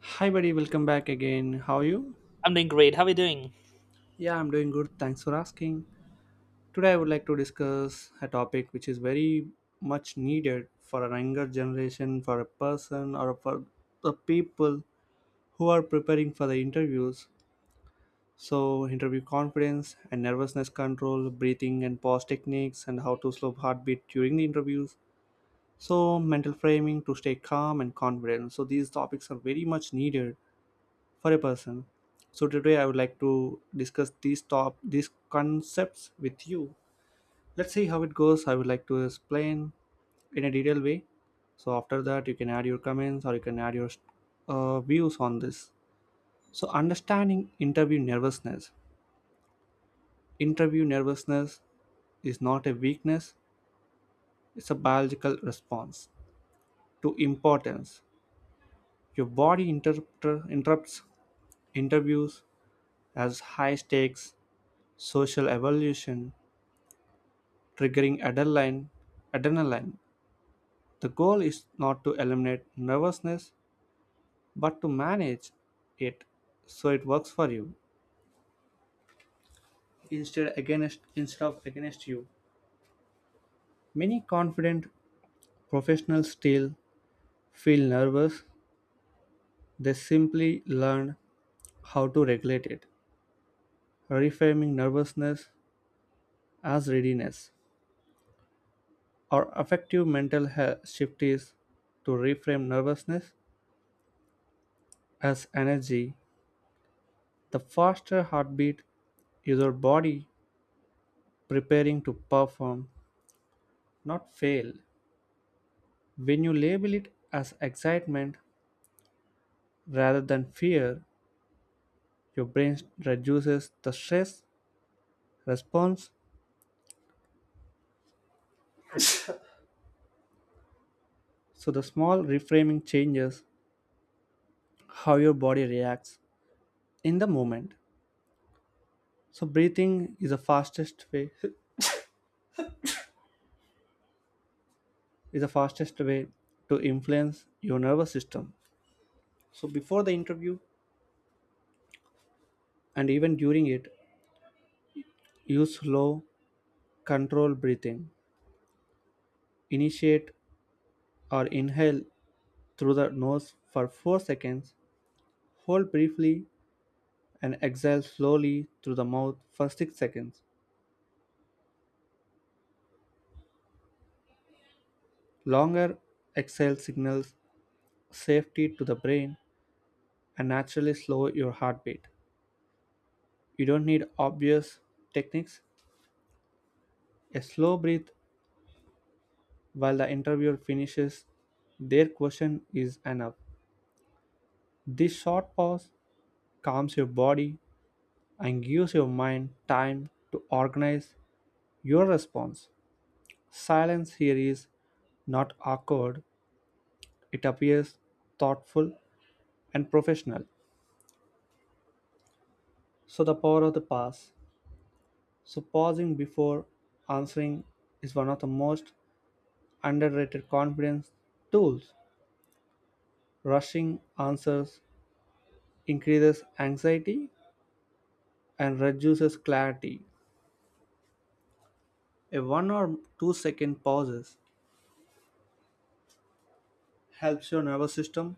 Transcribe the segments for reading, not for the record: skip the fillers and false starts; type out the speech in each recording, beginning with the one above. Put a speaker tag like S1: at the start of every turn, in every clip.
S1: Hi, buddy, welcome back again. How are you?
S2: I'm doing great. How are you doing?
S1: Yeah, I'm doing good. Thanks for asking. Today, I would like to discuss a topic which is very much needed for a younger generation, for a person, or for the people who are preparing for the interviews. So, interview confidence and nervousness control, breathing and pause techniques, and how to slow heartbeat during the interviews. So, mental framing to stay calm and confident. So, these topics are very much needed for a person. So today I would like to discuss these concepts with you. Let's see how it goes. I would like to explain in a detailed way. So after that you can add your comments or you can add your views on this. So understanding interview nervousness. Interview nervousness is not a weakness, it's a biological response to importance. Your interrupts interviews as high stakes social evolution triggering adrenaline. Adrenaline. The goal is not to eliminate nervousness but to manage it so it works for you instead of against you. Many confident professionals still feel nervous. They simply learn how to regulate it, reframing nervousness as readiness. Our effective mental health shift is to reframe nervousness as energy. The faster heartbeat is your body preparing to perform, not fail. When you label it as excitement rather than fear, your brain reduces the stress response. So the small reframing changes how your body reacts in the moment. So breathing is the fastest way is the fastest way to influence your nervous system. So before the interview and even during it, use slow, controlled breathing. Initiate or inhale through the nose for 4 seconds, hold briefly, and exhale slowly through the mouth for 6 seconds. Longer exhale signals safety to the brain and naturally slow your heartbeat. You don't need obvious techniques. A slow breath while the interviewer finishes their question is enough. This short pause calms your body and gives your mind time to organize your response. Silence here is not awkward, it appears thoughtful and professional. So, the power of the pause. So, pausing before answering is one of the most underrated confidence tools. Rushing answers increases anxiety and reduces clarity. A 1 or 2 second pauses helps your nervous system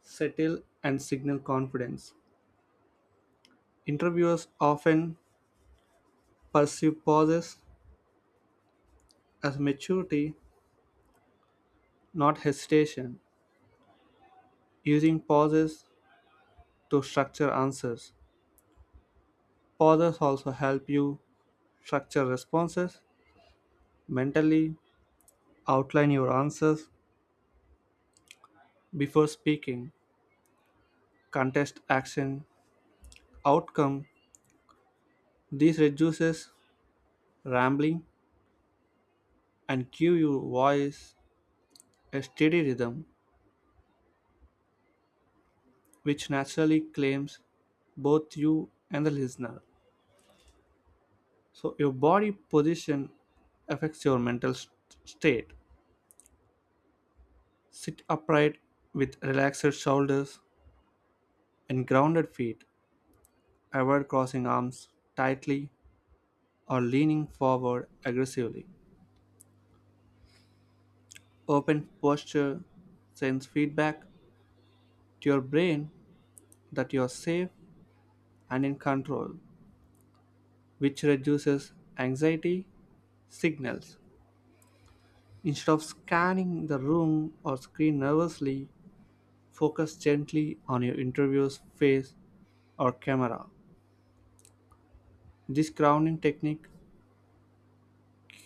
S1: settle and signal confidence. Interviewers often perceive pauses as maturity, not hesitation. Using pauses to structure answers. Pauses also help you structure responses, mentally outline your answers before speaking, contest action, outcome. This reduces rambling and give your voice a steady rhythm which naturally claims both you and the listener. So your body position affects your mental state. Sit upright with relaxed shoulders and grounded feet. Avoid crossing arms tightly or leaning forward aggressively. Open posture sends feedback to your brain that you are safe and in control, which reduces anxiety signals. Instead of scanning the room or screen nervously, focus gently on your interviewer's face or camera. This grounding technique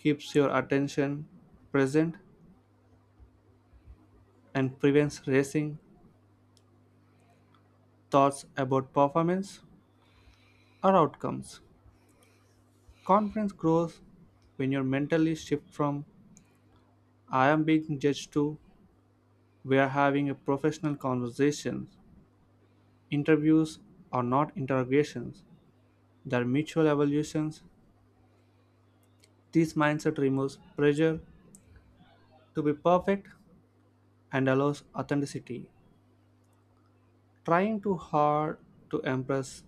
S1: keeps your attention present and prevents racing thoughts about performance or outcomes. Confidence grows when you mentally shift from I am being judged to we are having a professional conversation. Interviews are not interrogations, they are mutual evolutions. This mindset removes pressure to be perfect and allows authenticity. Trying too hard to impress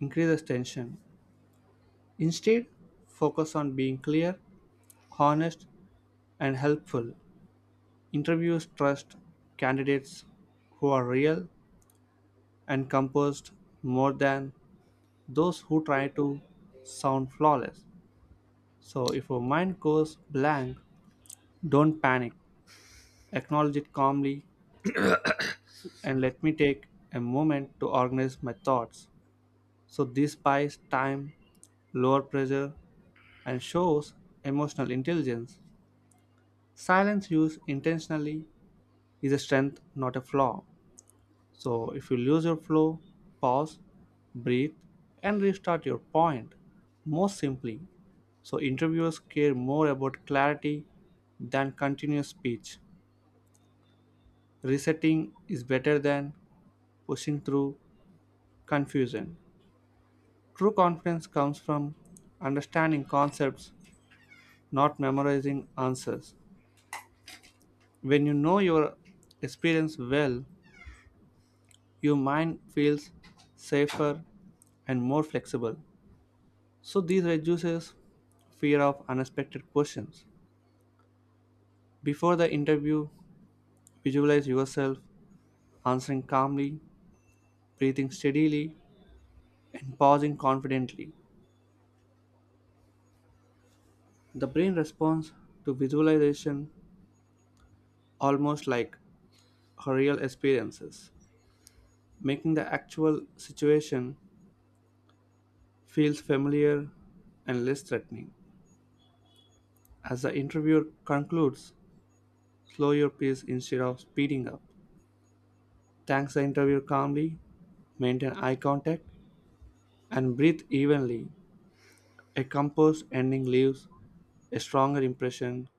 S1: increases tension. Instead, focus on being clear, honest, and helpful. Interviews trust candidates who are real and composed more than those who try to sound flawless. So, if your mind goes blank, don't panic. Acknowledge it calmly and let me take a moment to organize my thoughts. So, this buys time, lower pressure, and shows emotional intelligence. Silence used intentionally is a strength, not a flaw. So if you lose your flow, pause, breathe, and restart your point. Most simply, so interviewers care more about clarity than continuous speech. Resetting is better than pushing through confusion. True confidence comes from understanding concepts, not memorizing answers. When you know your experience well, your mind feels safer and more flexible. So this reduces fear of unexpected questions. Before the interview, visualize yourself answering calmly, breathing steadily, and pausing confidently. The brain responds to visualization almost like her real experiences, making the actual situation feels familiar and less threatening. As the interviewer concludes, slow your pace instead of speeding up. Thanks the interviewer calmly, maintain eye contact, and breathe evenly. A composed ending leaves a stronger impression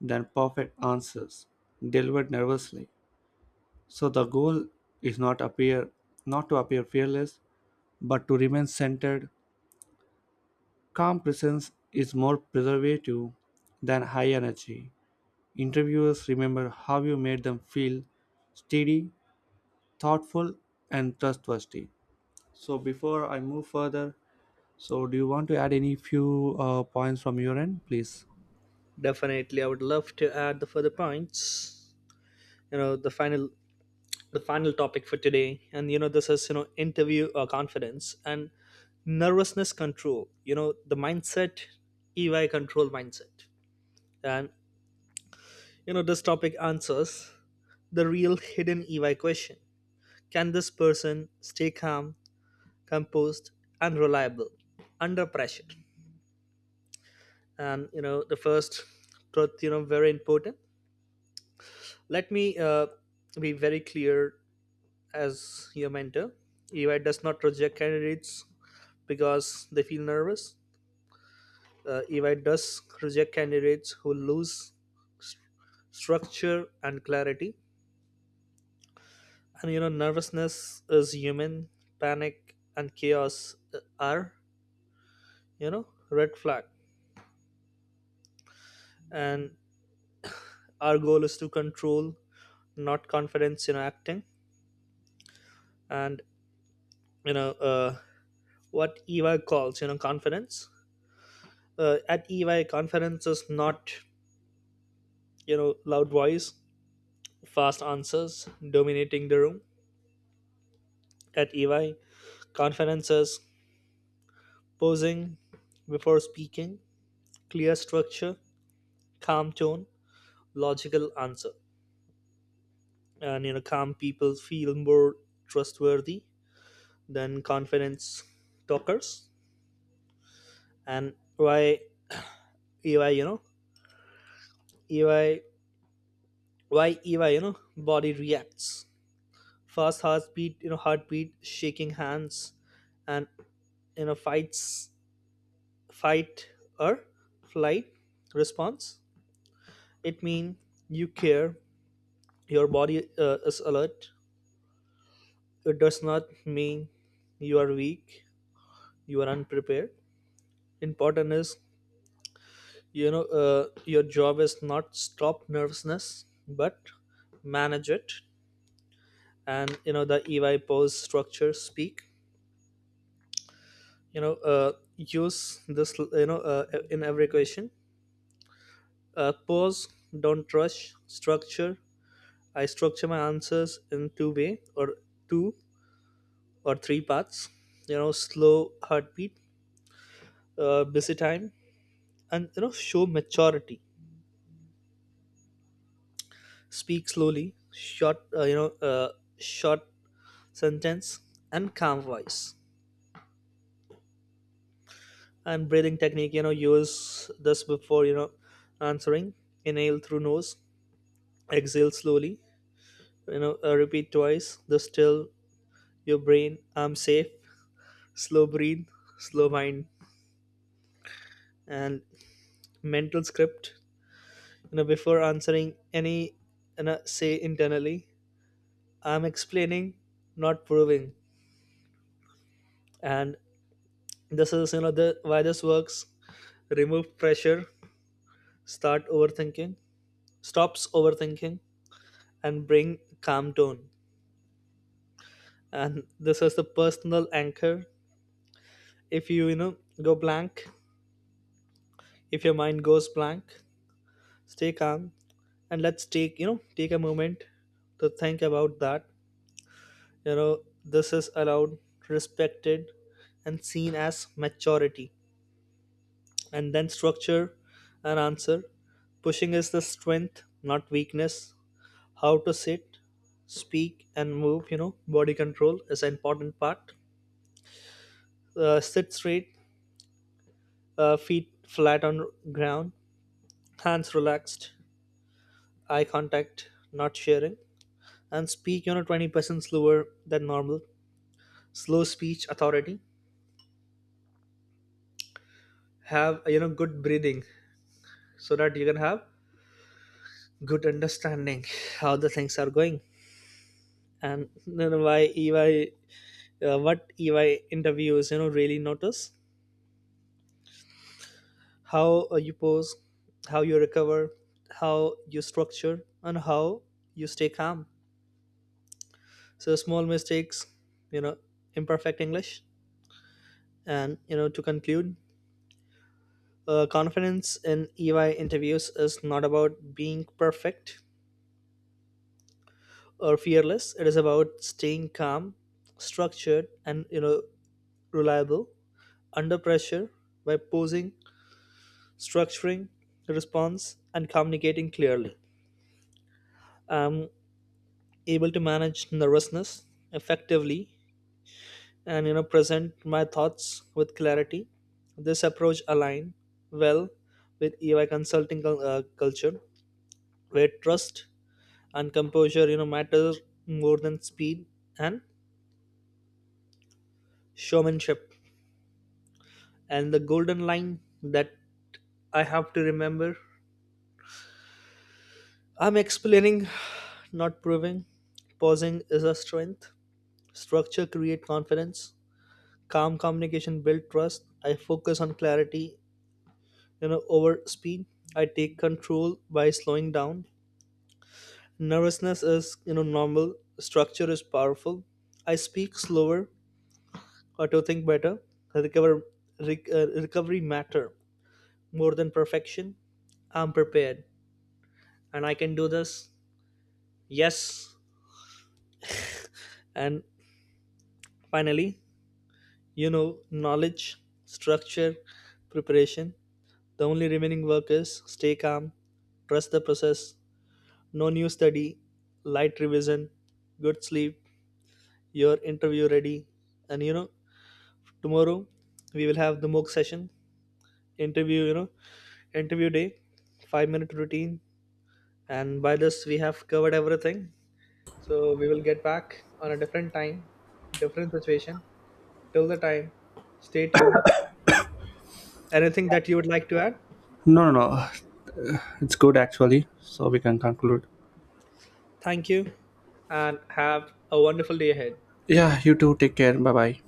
S1: than perfect answers delivered nervously. So the goal is not to appear fearless, but to remain centered. Calm presence is more preservative than high energy. Interviewers remember how you made them feel steady, thoughtful, and trustworthy. So before I move further, so do you want to add any few points from your end, please?
S2: Definitely, I would love to add the further points. The final topic for today, and this is interview confidence and nervousness control. The mindset, EY control mindset, and this topic answers the real hidden EY question: Can this person stay calm, composed, and reliable under pressure? And the first truth, very important. Let me be very clear as your mentor. EY does not reject candidates because they feel nervous. EY does reject candidates who lose structure and clarity. And nervousness is human. Panic and chaos are, red flag. And our goal is to control, not confidence in acting. And you know, uh, what EY calls, confidence at EY conferences, not loud voice, fast answers dominating the room. At EY conferences, posing before speaking, clear structure, calm tone, logical answer, and calm people feel more trustworthy than confidence talkers. And why EY, you know, EY, why EY, you know, body reacts. Fast heartbeat, shaking hands, and you know fights fight or flight response. It means you care, your body is alert. It does not mean you are weak, you are unprepared. Important is, you know uh, your job is not stop nervousness but manage it. And the EY: pose, structure, speak. Use this in every question. Pose, don't rush, structure. I structure my answers in two or three parts. Slow heartbeat, busy time, and show maturity. Speak slowly, short. Short sentence and calm voice. And breathing technique. Use this before answering. Inhale through nose, exhale slowly. Repeat twice. This till your brain: I'm safe. Slow breathe, slow mind, and mental script. Before answering any, say internally, I'm explaining, not proving. And this is the why this works. Remove pressure, start overthinking stops overthinking, and bring calm tone. And this is the personal anchor. If you you know go blank If your mind goes blank, stay calm, and let's take you know take a moment to think about that. You know this is allowed, respected, and seen as maturity. And then structure an answer. Pushing is the strength, not weakness. How to sit, speak, and move. Body control is an important part. Sit straight, feet flat on ground, hands relaxed, eye contact, not sharing. And speak 20% slower than normal. Slow speech authority. Have good breathing so that you can have good understanding how the things are going. And then why ey what EY interviews really notice: how you pose, how you recover, how you structure, and how you stay calm. So small mistakes, you know imperfect English. And to conclude, confidence in EY interviews is not about being perfect or fearless. It is about staying calm, structured, and reliable under pressure by posing, structuring the response, and communicating clearly. I'm able to manage nervousness effectively and present my thoughts with clarity. This approach align well with EY consulting culture where trust and composure matter more than speed and showmanship. And the golden line that I have to remember: I'm explaining, not proving. Pausing is a strength. Structure create confidence. Calm communication build trust. I focus on clarity, over speed. I take control by slowing down. Nervousness is, normal. Structure is powerful. I speak slower, auto think better. Recover, recovery matter more than perfection. I'm prepared and I can do this. Yes. And finally, knowledge, structure, preparation. The only remaining work is stay calm, trust the process, no new study, light revision, good sleep, your interview ready. And tomorrow we will have the mock session, interview, interview day, 5-minute routine. And by this, we have covered everything. So we will get back on a different time, different situation. Till the time, stay tuned. Anything that you would like to add?
S1: No, no, no. It's good actually. So we can conclude.
S2: Thank you and have a wonderful day ahead.
S1: Yeah, you too. Take care. Bye bye.